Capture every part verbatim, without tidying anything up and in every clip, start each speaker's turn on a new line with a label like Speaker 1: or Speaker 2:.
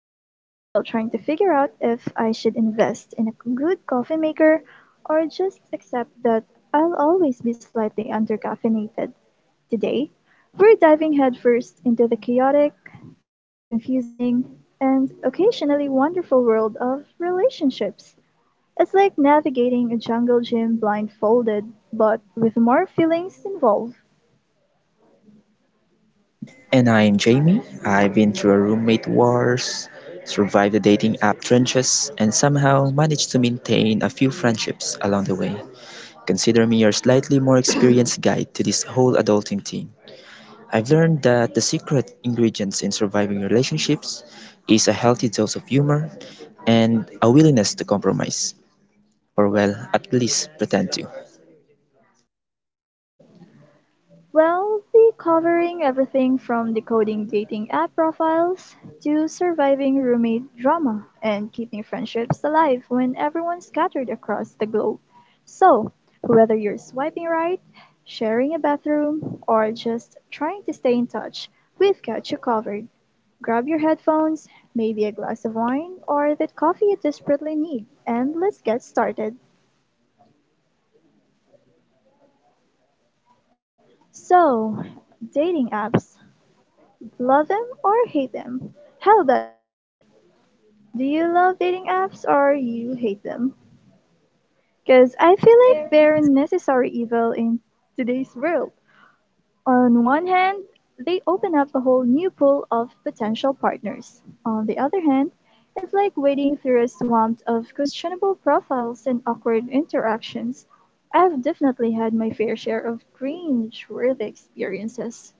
Speaker 1: well, still trying to figure out if I should invest in a good coffee maker or just accept that I'll always be slightly undercaffeinated. Today, we're diving headfirst into the chaotic, confusing, and occasionally wonderful world of relationships. It's like navigating a jungle gym blindfolded, but with more feelings involved.
Speaker 2: And I'm Jamie. I've been through a roommate wars, survived the dating app trenches, and somehow managed to maintain a few friendships along the way. Consider me your slightly more experienced guide to this whole adulting thing. I've learned that the secret ingredients in surviving relationships is a healthy dose of humor and a willingness to compromise, or well, at least pretend to.
Speaker 1: We'll be covering everything from decoding dating app profiles to surviving roommate drama and keeping friendships alive when everyone's scattered across the globe. So, whether you're swiping right, sharing a bathroom, or just trying to stay in touch, we've got you covered. Grab your headphones, maybe a glass of wine or that coffee you desperately need, and let's get started. So, dating apps. Love them or hate them? How about you, Jamie? Do you love dating apps or you hate them? Because I feel like they're a necessary evil in today's world. On one hand, they open up a whole new pool of potential partners. On the other hand, it's like wading through a swamp of questionable profiles and awkward interactions. I've definitely had my fair share of cringe-worthy experiences.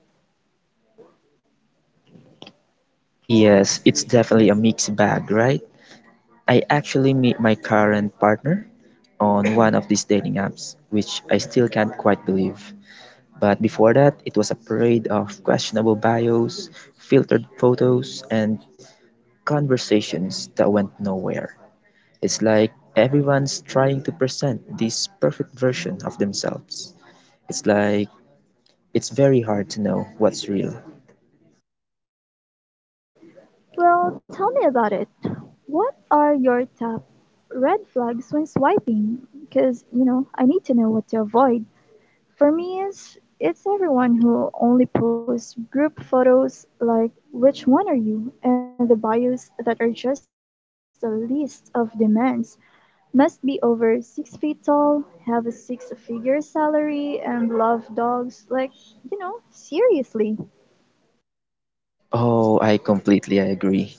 Speaker 2: Yes, it's definitely a mixed bag, right? I actually meet my current partner on one of these dating apps, which I still can't quite believe. But before that, it was a parade of questionable bios, filtered photos, and conversations that went nowhere. It's like everyone's trying to present this perfect version of themselves. It's like it's very hard to know what's real.
Speaker 1: Well, tell me about it. What are your top red flags when swiping? Because, you know, I need to know what to avoid. For me, it's, it's everyone who only posts group photos like, which one are you? And the bios that are just a list of demands. Must be over six feet tall, have a six figure salary, and love dogs. Like, you know, seriously.
Speaker 2: Oh, I completely agree.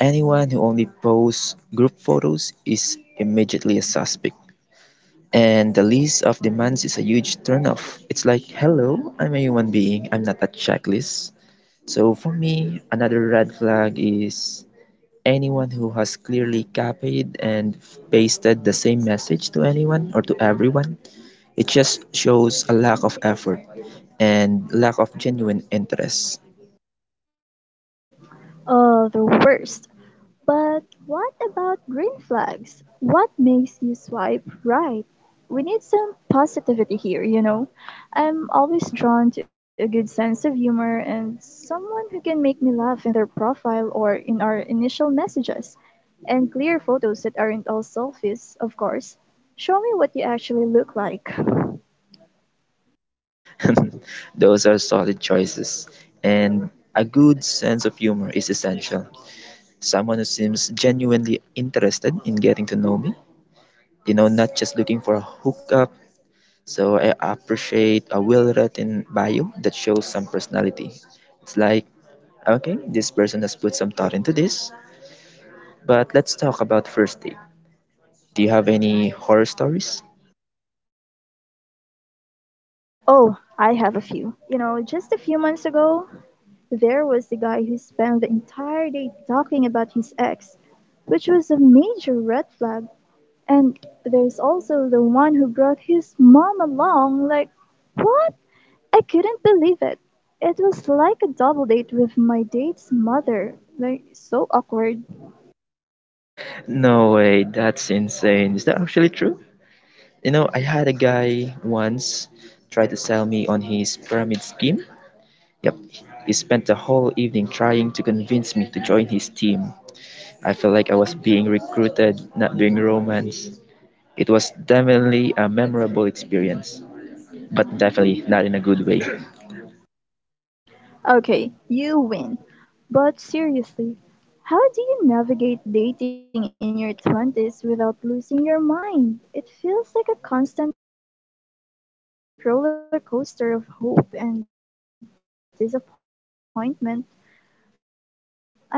Speaker 2: Anyone who only posts group photos is immediately a suspect. And the list of demands is a huge turnoff. It's like, hello, I'm a human being, I'm not a checklist. So for me, another red flag is anyone who has clearly copied and pasted the same message to anyone or to everyone. It just shows a lack of effort and lack of genuine interest.
Speaker 1: Uh, the worst. But what about green flags? What makes you swipe right? We need some positivity here, you know. I'm always drawn to a good sense of humor and someone who can make me laugh in their profile or in our initial messages, and clear photos that aren't all selfies, of course. Show me what you actually look like.
Speaker 2: Those are solid choices. And a good sense of humor is essential. Someone who seems genuinely interested in getting to know me you know, not just looking for a hookup. So I appreciate a well written bio that shows some personality. It's like, okay, this person has put some thought into this, but let's talk about first date. Do you have any horror stories?
Speaker 1: Oh, I have a few. You know, just a few months ago, there was the guy who spent the entire day talking about his ex, which was a major red flag, and there's also the one who brought his mom along like, what? I couldn't believe it. It was like a double date with my date's mother. Like, so awkward.
Speaker 2: No way, that's insane. Is that actually true? You know, I had a guy once try to sell me on his pyramid scheme. Yep, he spent the whole evening trying to convince me to join his team. I felt like I was being recruited, not being romance. It was definitely a memorable experience, but definitely not in a good way.
Speaker 1: Okay, you win. But seriously, how do you navigate dating in your twenties without losing your mind? It feels like a constant roller coaster of hope and disappointment. I'm starting to think I should just adopt a cat or call it a day.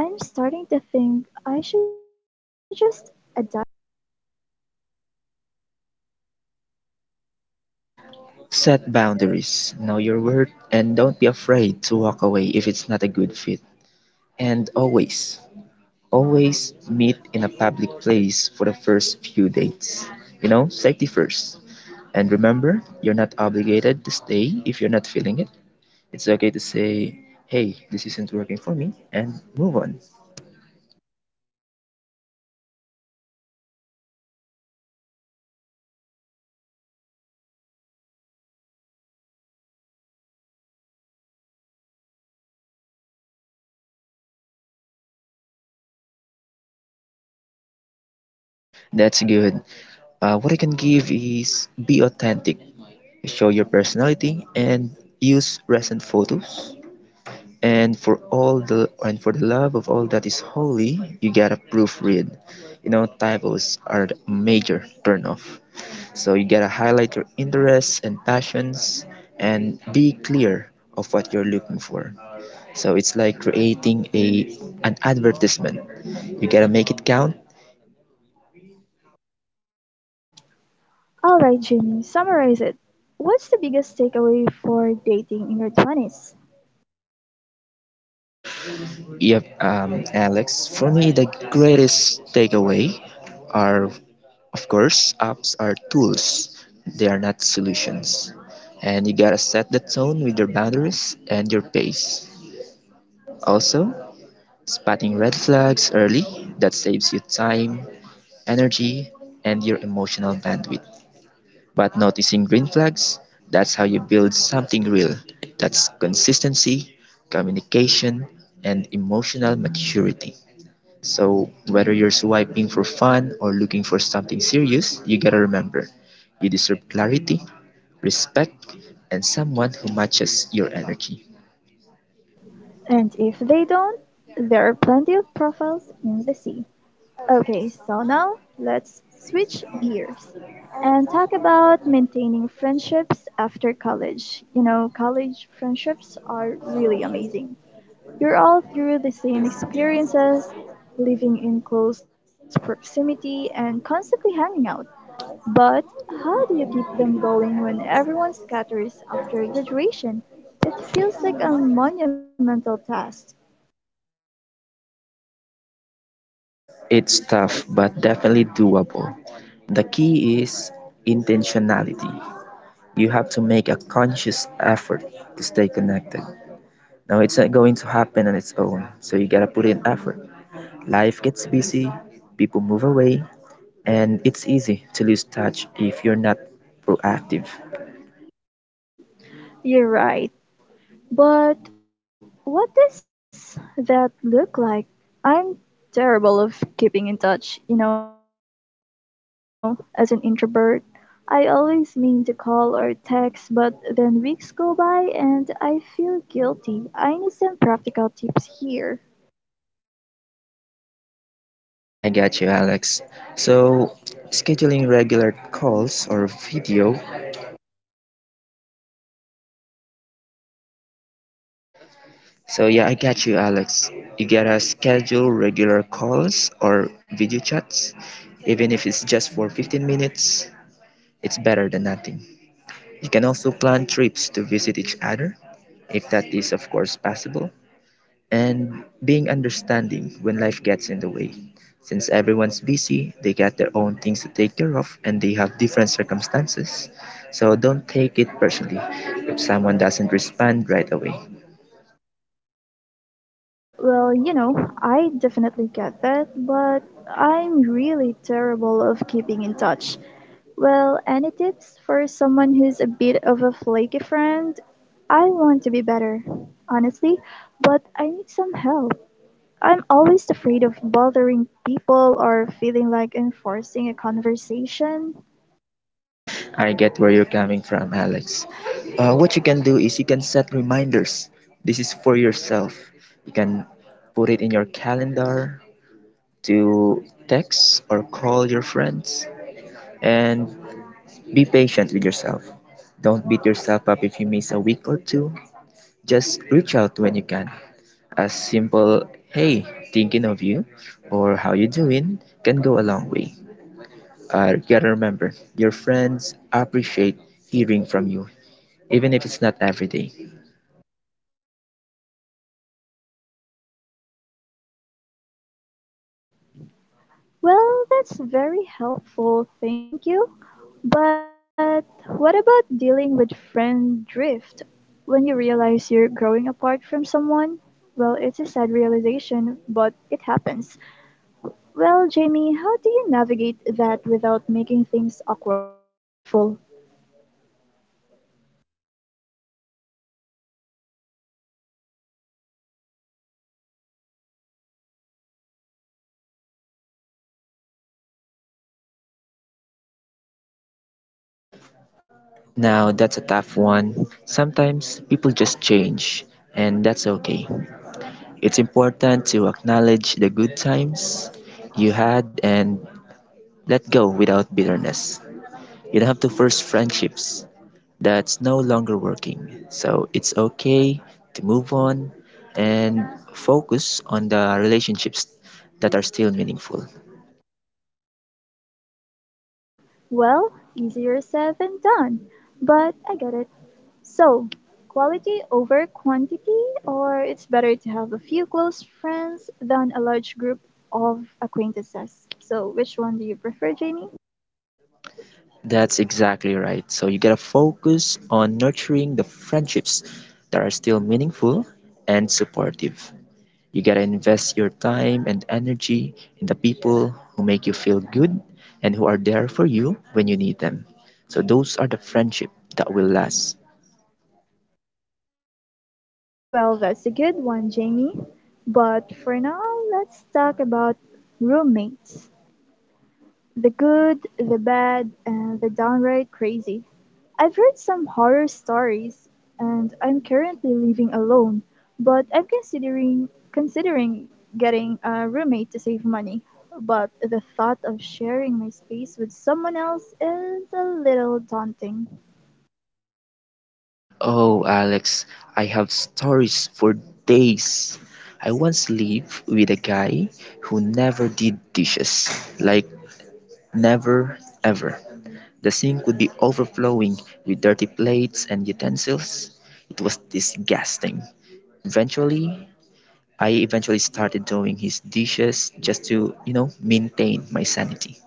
Speaker 2: Set boundaries, know your worth, and don't be afraid to walk away if it's not a good fit. And always, always meet in a public place for the first few dates. You know, safety first. And remember, you're not obligated to stay if you're not feeling it. It's okay to say, hey, this isn't working for me, and move on.
Speaker 1: Great advice. Any tips for crafting a killer dating profile? You know, I'm thinking of revamping mine. I want to attract the kind of people, not just the ones who are looking for a quick fling.
Speaker 2: That's good. Uh, what I can give is be authentic, show your personality, and use recent photos. And for all the and for the love of all that is holy, you gotta proofread. You know, typos are a major turnoff. So you gotta highlight your interests and passions and be clear of what you're looking for. So it's like creating a an advertisement. You gotta make it count.
Speaker 1: All right, Jimmy, summarize it. What's the biggest takeaway for dating in your twenties?
Speaker 2: Yep, um, Alex. For me, the greatest takeaway are, of course, apps are tools. They are not solutions. And you gotta set the tone with your boundaries and your pace. Also, spotting red flags early, that saves you time, energy, and your emotional bandwidth. But noticing green flags, that's how you build something real. That's consistency, communication, and emotional maturity. So, whether you're swiping for fun or looking for something serious, you gotta remember you deserve clarity, respect, and someone who matches your energy.
Speaker 1: And if they don't, there are plenty of profiles in the sea. Okay, so now let's switch gears and talk about maintaining friendships after college. You know, college friendships are really amazing. You're all through the same experiences, living in close proximity, and constantly hanging out. But how do you keep them going when everyone scatters after graduation? It feels like a monumental task.
Speaker 2: It's tough, but definitely doable. The key is intentionality. You have to make a conscious effort to stay connected. Now, it's not going to happen on its own, so you gotta put in effort. Life gets busy, people move away, and it's easy to lose touch if you're not proactive.
Speaker 1: You're right. But what does that look like? I'm terrible of keeping in touch, you know, as an introvert. I always mean to call or text, but then weeks go by and I feel guilty. I need some practical tips here.
Speaker 2: I got you, Alex. So, scheduling regular calls or video. So, yeah, I got you, Alex. You gotta schedule regular calls or video chats, even if it's just for fifteen minutes, it's better than nothing. You can also plan trips to visit each other, if that is, of course, possible. And being understanding when life gets in the way. Since everyone's busy, they got their own things to take care of and they have different circumstances. So don't take it personally if someone doesn't respond right away.
Speaker 1: Well, you know, I definitely get that, but I'm really terrible of keeping in touch. Well, any tips for someone who's a bit of a flaky friend? I want to be better, honestly, but I need some help. I'm always afraid of bothering people or feeling like enforcing a conversation.
Speaker 2: I get where you're coming from, Alex. Uh, what you can do is you can set reminders. This is for yourself. You can put it in your calendar to text or call your friends and be patient with yourself. Don't beat yourself up if you miss a week or two. Just reach out when you can. A simple hey, thinking of you, or how you doing, can go a long way. Uh, you gotta remember, your friends appreciate hearing from you, even if it's not every day.
Speaker 1: Well, that's very helpful, thank you. But what about dealing with friend drift? When you realize you're growing apart from someone? Well, it's a sad realization, but it happens. Well, Jamie, how do you navigate that without making things awkward or hurtful?
Speaker 2: Now, that's a tough one. Sometimes people just change, and that's okay. It's important to acknowledge the good times you had and let go without bitterness. You'd have to force friendships that's no longer working. So it's okay to move on and focus on the relationships that are still meaningful.
Speaker 1: Well, easier said than done, but I get it. So, quality over quantity, or it's better to have a few close friends than a large group of acquaintances. So, which one do you prefer, Jamie?
Speaker 2: That's exactly right. So you gotta focus on nurturing the friendships that are still meaningful and supportive. You gotta invest your time and energy in the people who make you feel good and who are there for you when you need them. So those are the friendship that will last.
Speaker 1: Well, that's a good one, Jamie. But for now, let's talk about roommates. The good, the bad, and the downright crazy. I've heard some horror stories, and I'm currently living alone, but I'm considering considering getting a roommate to save money. But the thought of sharing my space with someone else is a little daunting.
Speaker 2: Oh, Alex, I have stories for days. I once lived with a guy who never did dishes. Like, never, ever. The sink would be overflowing with dirty plates and utensils. It was disgusting. Eventually, I eventually started doing his dishes just to, you know, maintain my sanity.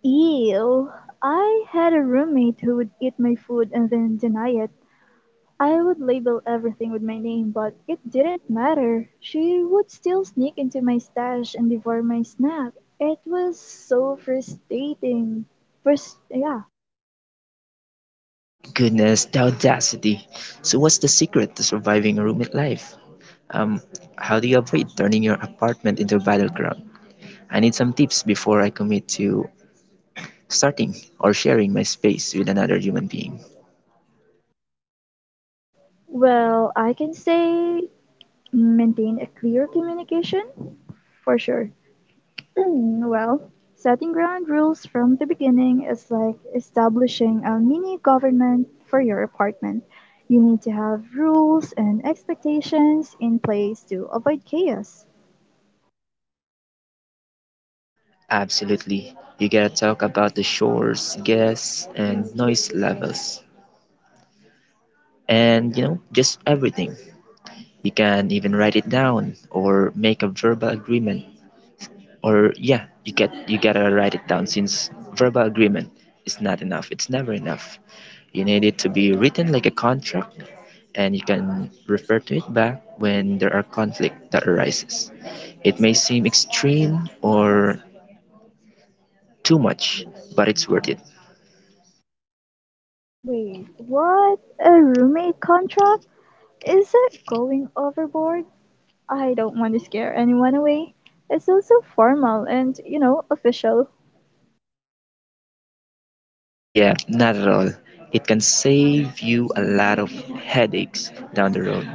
Speaker 1: Ew. I had a roommate who would eat my food and then deny it. I would label everything with my name, but it didn't matter. She would still sneak into my stash and devour my snack. It was so frustrating. First, yeah.
Speaker 2: Goodness, the audacity! So what's the secret to surviving a roommate life? Um, how do you avoid turning your apartment into a battleground? I need some tips before I commit to starting or sharing my space with another human being.
Speaker 1: Well, I can say maintain a clear communication for sure. Mm, well, setting ground rules from the beginning is like establishing a mini government for your apartment. You need to have rules and expectations in place to avoid chaos.
Speaker 2: Absolutely. You gotta talk about the shores, gas, and noise levels. And, you know, just everything. You can even write it down or make a verbal agreement, or yeah, you get you gotta write it down, since verbal agreement is not enough. It's never enough. You need it to be written like a contract, and you can refer to it back when there are conflict that arises. It may seem extreme or too much, but it's worth it.
Speaker 1: Wait, what? A roommate contract? Is it going overboard? I don't want to scare anyone away. It's also formal and, you know, official.
Speaker 2: Yeah, not at all. It can save you a lot of headaches down the road.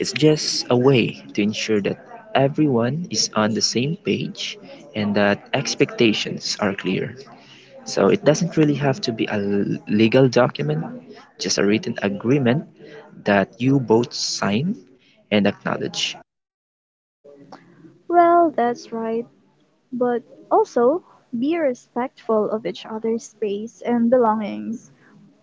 Speaker 2: It's just a way to ensure that everyone is on the same page and that expectations are clear. So it doesn't really have to be a l- legal document, just a written agreement that you both sign and acknowledge.
Speaker 1: Well, that's right. But also, be respectful of each other's space and belongings.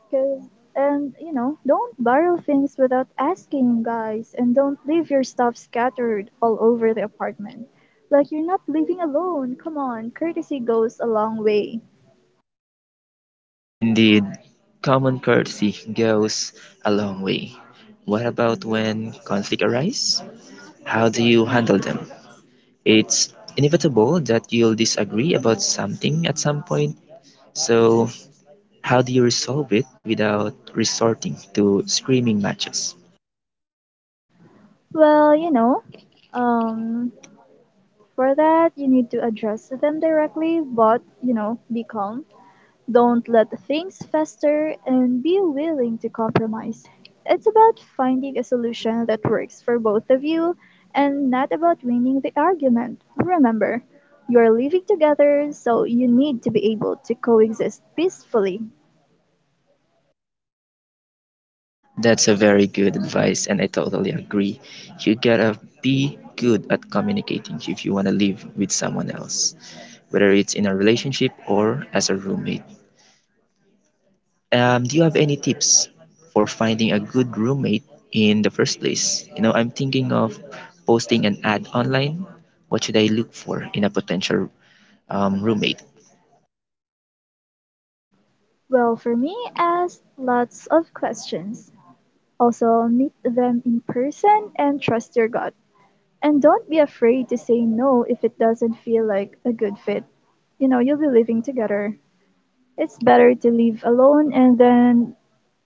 Speaker 1: 'Cause, and, you know, don't borrow things without asking, guys. And don't leave your stuff scattered all over the apartment. Like, you're not living alone. Come on, courtesy goes a long way.
Speaker 2: Indeed, common courtesy goes a long way. What about when conflict arises? How do you handle them? It's inevitable that you'll disagree about something at some point, so how do you resolve it without resorting to screaming matches?
Speaker 1: Well, you know, um, for that you need to address them directly, but you know, be calm. Don't let things fester and be willing to compromise. It's about finding a solution that works for both of you and not about winning the argument. Remember, you're living together, so you need to be able to coexist peacefully.
Speaker 2: That's a very good advice, and I totally agree. You gotta be good at communicating if you wanna live with someone else, whether it's in a relationship or as a roommate. Um, do you have any tips for finding a good roommate in the first place? You know, I'm thinking of posting an ad online. What should I look for in a potential, um, roommate?
Speaker 1: Well, for me, ask lots of questions. Also, meet them in person and trust your gut. And don't be afraid to say no if it doesn't feel like a good fit. You know, you'll be living together. It's better to live alone and then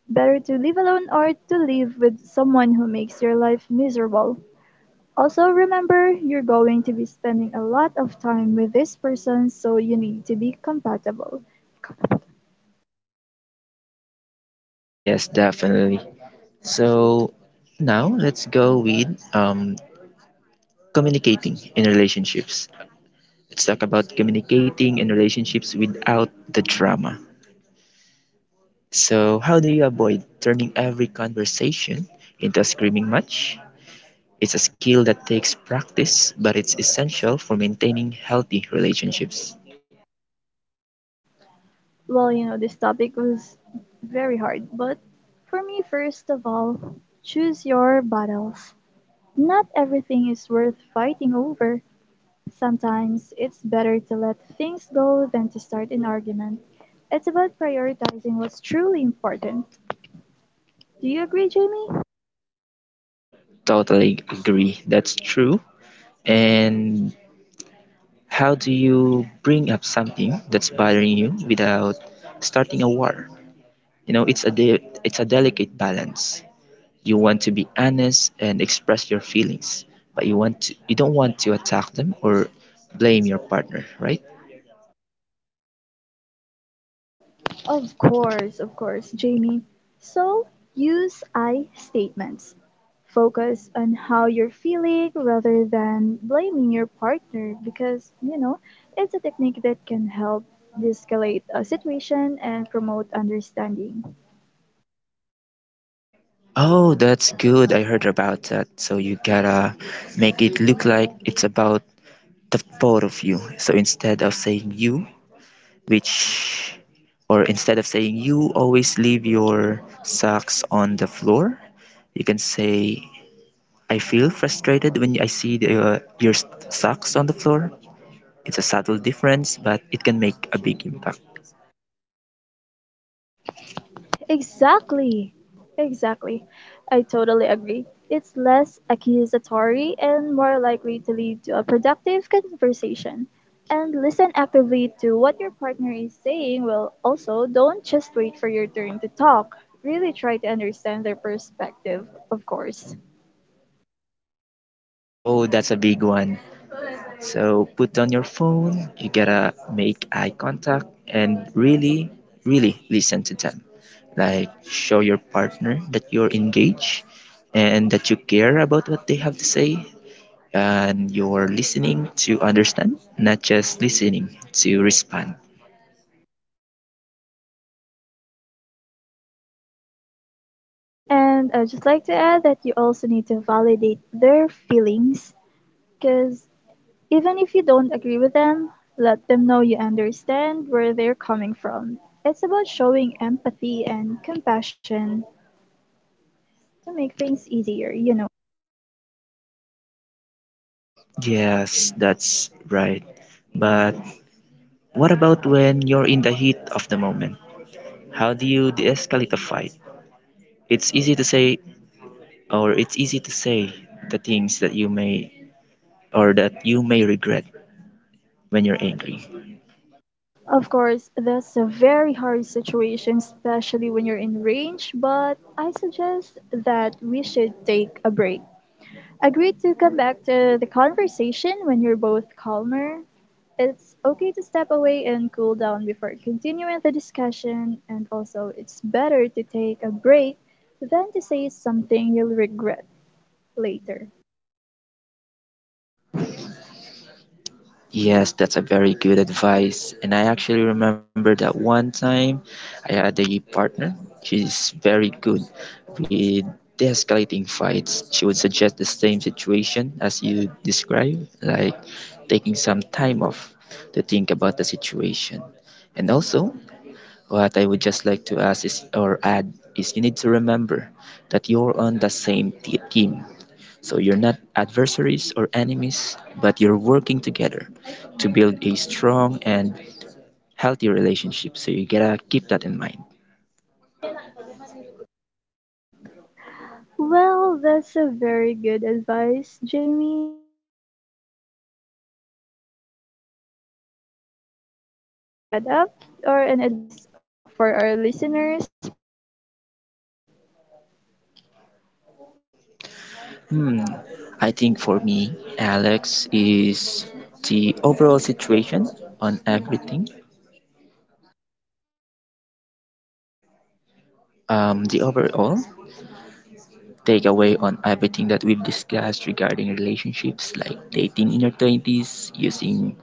Speaker 1: better to live alone or to live with someone who makes your life miserable. Also, remember you're going to be spending a lot of time with this person, so you need to be compatible.
Speaker 2: Yes, definitely. So now let's go with, um, communicating in relationships. Let's talk about communicating in relationships without the drama. So, how do you avoid turning every conversation into a screaming match? It's a skill that takes practice, but it's essential for maintaining healthy relationships.
Speaker 1: Well, you know, this topic was very hard, but for me, first of all, choose your battles. Not everything is worth fighting over. Sometimes it's better to let things go than to start an argument. It's about prioritizing what's truly important. Do you agree, Jamie?
Speaker 2: Totally agree. That's true. And how do you bring up something that's bothering you without starting a war? You know, it's a de- it's a delicate balance. You want to be honest and express your feelings, but you want to, you don't want to attack them or blame your partner, right?
Speaker 1: Of course, of course, Jamie. So use I statements. Focus on how you're feeling rather than blaming your partner because, you know, it's a technique that can help de escalate a situation and promote understanding.
Speaker 2: Oh, that's good. I heard about that. So you gotta make it look like it's about the four of you. So instead of saying you, which, or instead of saying you always leave your socks on the floor, you can say, I feel frustrated when I see the, uh, your socks on the floor. It's a subtle difference, but it can make a big impact.
Speaker 1: Exactly. Exactly. I totally agree. It's less accusatory and more likely to lead to a productive conversation. And listen actively to what your partner is saying. Well, also, don't just wait for your turn to talk. Really try to understand their perspective, of course.
Speaker 2: Oh, that's a big one. So put down your phone, you gotta make eye contact and really, really listen to them. Like, show your partner that you're engaged and that you care about what they have to say, and you're listening to understand, not just listening to respond.
Speaker 1: And I'd just like to add that you also need to validate their feelings because even if you don't agree with them, let them know you understand where they're coming from. It's about showing empathy and compassion to make things easier, you know.
Speaker 2: Yes, that's right. But what about when you're in the heat of the moment? How do you de escalate a fight? It's easy to say, or it's easy to say the things that you may or that you may regret when you're angry.
Speaker 1: Of course, that's a very hard situation, especially when you're in range, but I suggest that we should take a break. Agree to come back to the conversation when you're both calmer. It's okay to step away and cool down before continuing the discussion, and also it's better to take a break than to say something you'll regret later.
Speaker 2: Yes, that's a very good advice. And I actually remember that one time I had a partner. She's very good with de-escalating fights. She would suggest the same situation as you described, like taking some time off to think about the situation. And also, what I would just like to ask is, or add is you need to remember that you're on the same t- team. So you're not adversaries or enemies, but you're working together to build a strong and healthy relationship. So you gotta keep that in mind.
Speaker 1: Well, that's a very good advice, Jamie. And is there anything you want to end up, uh, to add up or an advice for our listeners, perhaps?
Speaker 2: Hmm. I think for me, Alex, is the overall situation on everything. Um, the overall takeaway on everything that we've discussed regarding relationships, like dating in your twenties, using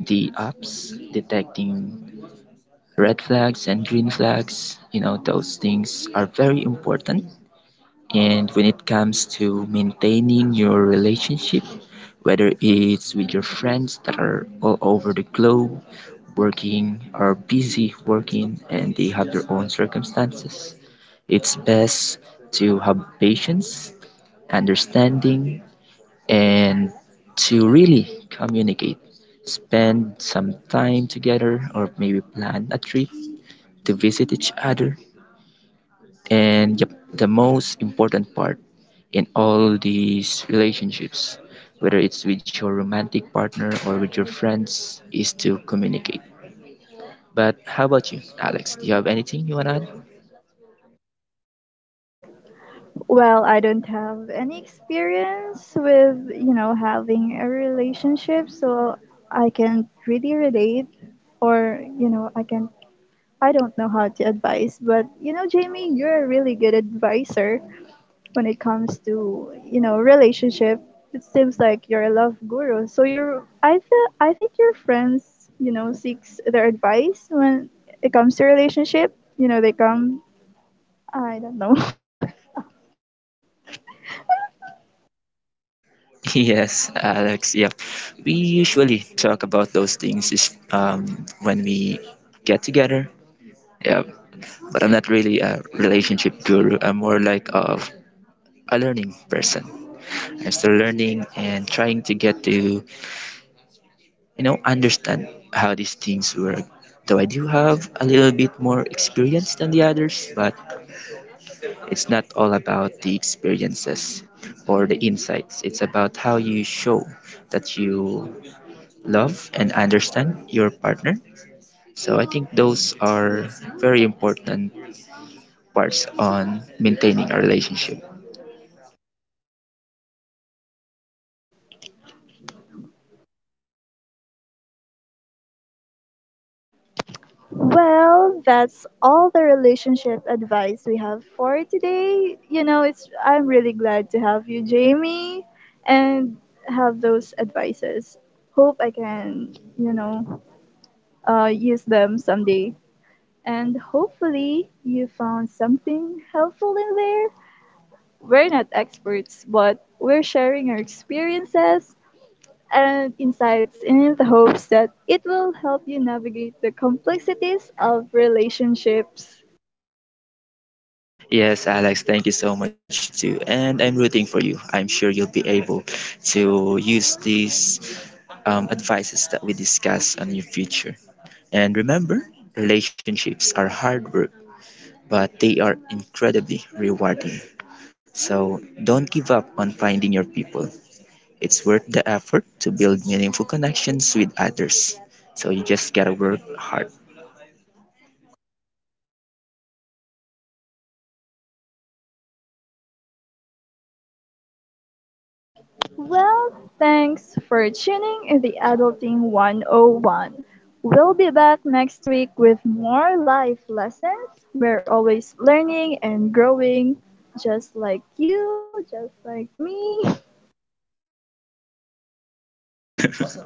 Speaker 2: the apps, detecting red flags and green flags you know those things are very important. And when it comes to maintaining your relationship, whether it's with your friends that are all over the globe working, or busy working and they have their own circumstances, it's best to have patience, understanding, and to really communicate, spend some time together, or maybe plan a trip to visit each other. And yep, the most important part in all these relationships, whether it's with your romantic partner or with your friends, is to communicate. But how about you, Alex? Do you have anything you want to add?
Speaker 1: Well, I don't have any experience with, you know, having a relationship, so I can't really relate or, you know, I can I don't know how to advise, but you know, Jamie, you're a really good advisor when it comes to, you know, relationship. It seems like you're a love guru. So you're I feel I think your friends, you know, seeks their advice when it comes to relationship. You know, they come I don't know.
Speaker 2: Yes, Alex. Yep. We usually talk about those things is um, when we get together. Yep. But I'm not really a relationship guru. I'm more like of a learning person. I'm still learning and trying to get to, you know, understand how these things work. Though I do have a little bit more experience than the others, but it's not all about the experiences or the insights. It's about how you show that you love and understand your partner. So I think those are very important parts on maintaining a relationship.
Speaker 1: Well, that's all the relationship advice we have for today. You know, it's I'm really glad to have you, Jamie, and have those advices. Hope I can, you know, uh, use them someday. And hopefully you found something helpful in there. We're not experts, but we're sharing our experiences and insights in the hopes that it will help you navigate the complexities of relationships.
Speaker 2: Yes, Alex, thank you so much too. And I'm rooting for you. I'm sure you'll be able to use these um, advices that we discuss on your future. And remember, relationships are hard work, but they are incredibly rewarding. So don't give up on finding your people. It's worth the effort to build meaningful connections with others. So you just gotta work hard.
Speaker 1: Well, thanks for tuning in the Adulting one oh one. We'll be back next week with more life lessons. We're always learning and growing, just like you, just like me.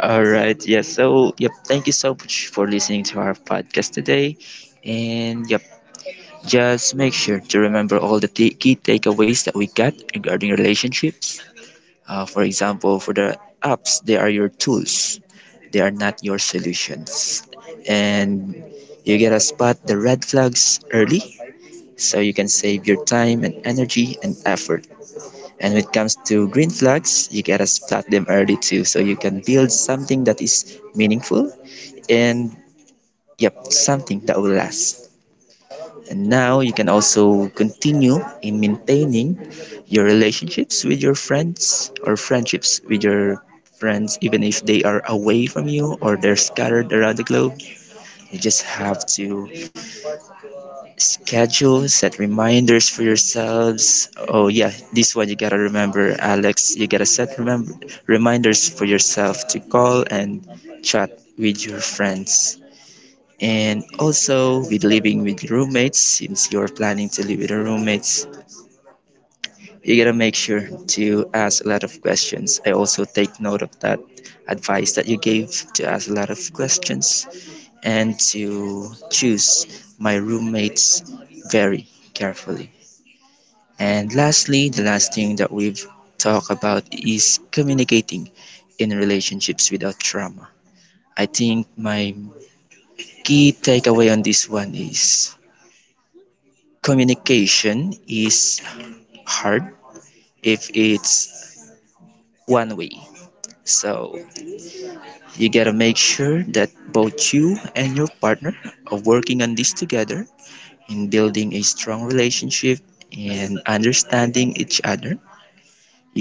Speaker 2: All right. Yes. So, yep, thank you so much for listening to our podcast today. And yep, just make sure to remember all the t- key takeaways that we got regarding relationships. Uh, for example, for the apps, they are your tools, they are not your solutions. And you get to spot the red flags early, so you can save your time and energy and effort. And when it comes to green flags, you gotta spot them early too, so you can build something that is meaningful and, yep, something that will last. And now you can also continue in maintaining your relationships with your friends, or friendships with your friends, even if they are away from you or they're scattered around the globe. You just have to schedule, set reminders for yourselves. Oh yeah, this one you gotta remember, Alex. You gotta set remember reminders for yourself to call and chat with your friends. And also with living with roommates, since you're planning to live with your roommates, you gotta make sure to ask a lot of questions. I also take note of that advice that you gave to ask a lot of questions and to choose my roommates very carefully. And lastly, the last thing that we've talked about is communicating in relationships without trauma. I think my key takeaway on this one is communication is hard if it's one way. So you gotta make sure that both you and your partner are working on this together in building a strong relationship and understanding each other.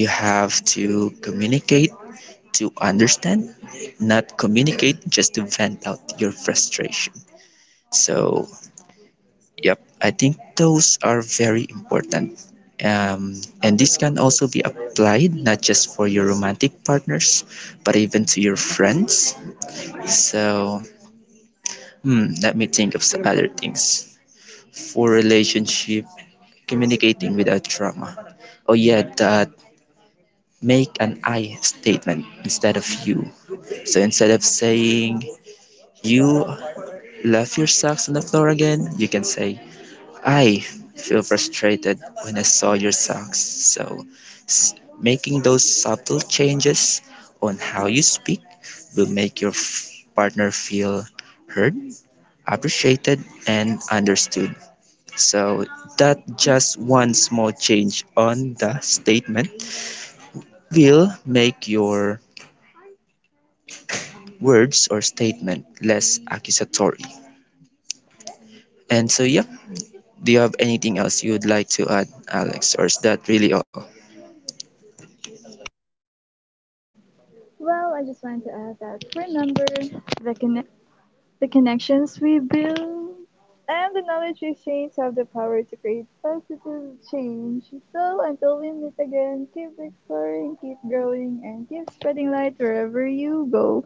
Speaker 2: You have to communicate to understand, not communicate just to vent out your frustration. So, yep, I think those are very important. Um, and this can also be applied not just for your romantic partners, but even to your friends. So, hmm, let me think of some other things. For relationship, communicating without drama. Oh yeah, that, make an I statement instead of you. So instead of saying, "You left your socks on the floor again," you can say, "I feel frustrated when I saw your socks." So, s- making those subtle changes on how you speak will make your f- partner feel heard, appreciated, and understood. So, that just one small change on the statement will make your words or statement less accusatory. And so, yeah, do you have anything else you'd like to add, Alex, or is that really all?
Speaker 1: Well, I just wanted to add that we number, the, conne- the connections we build and the knowledge we exchange have the power to create positive change. So until we meet again, keep exploring, keep growing, and keep spreading light wherever you go.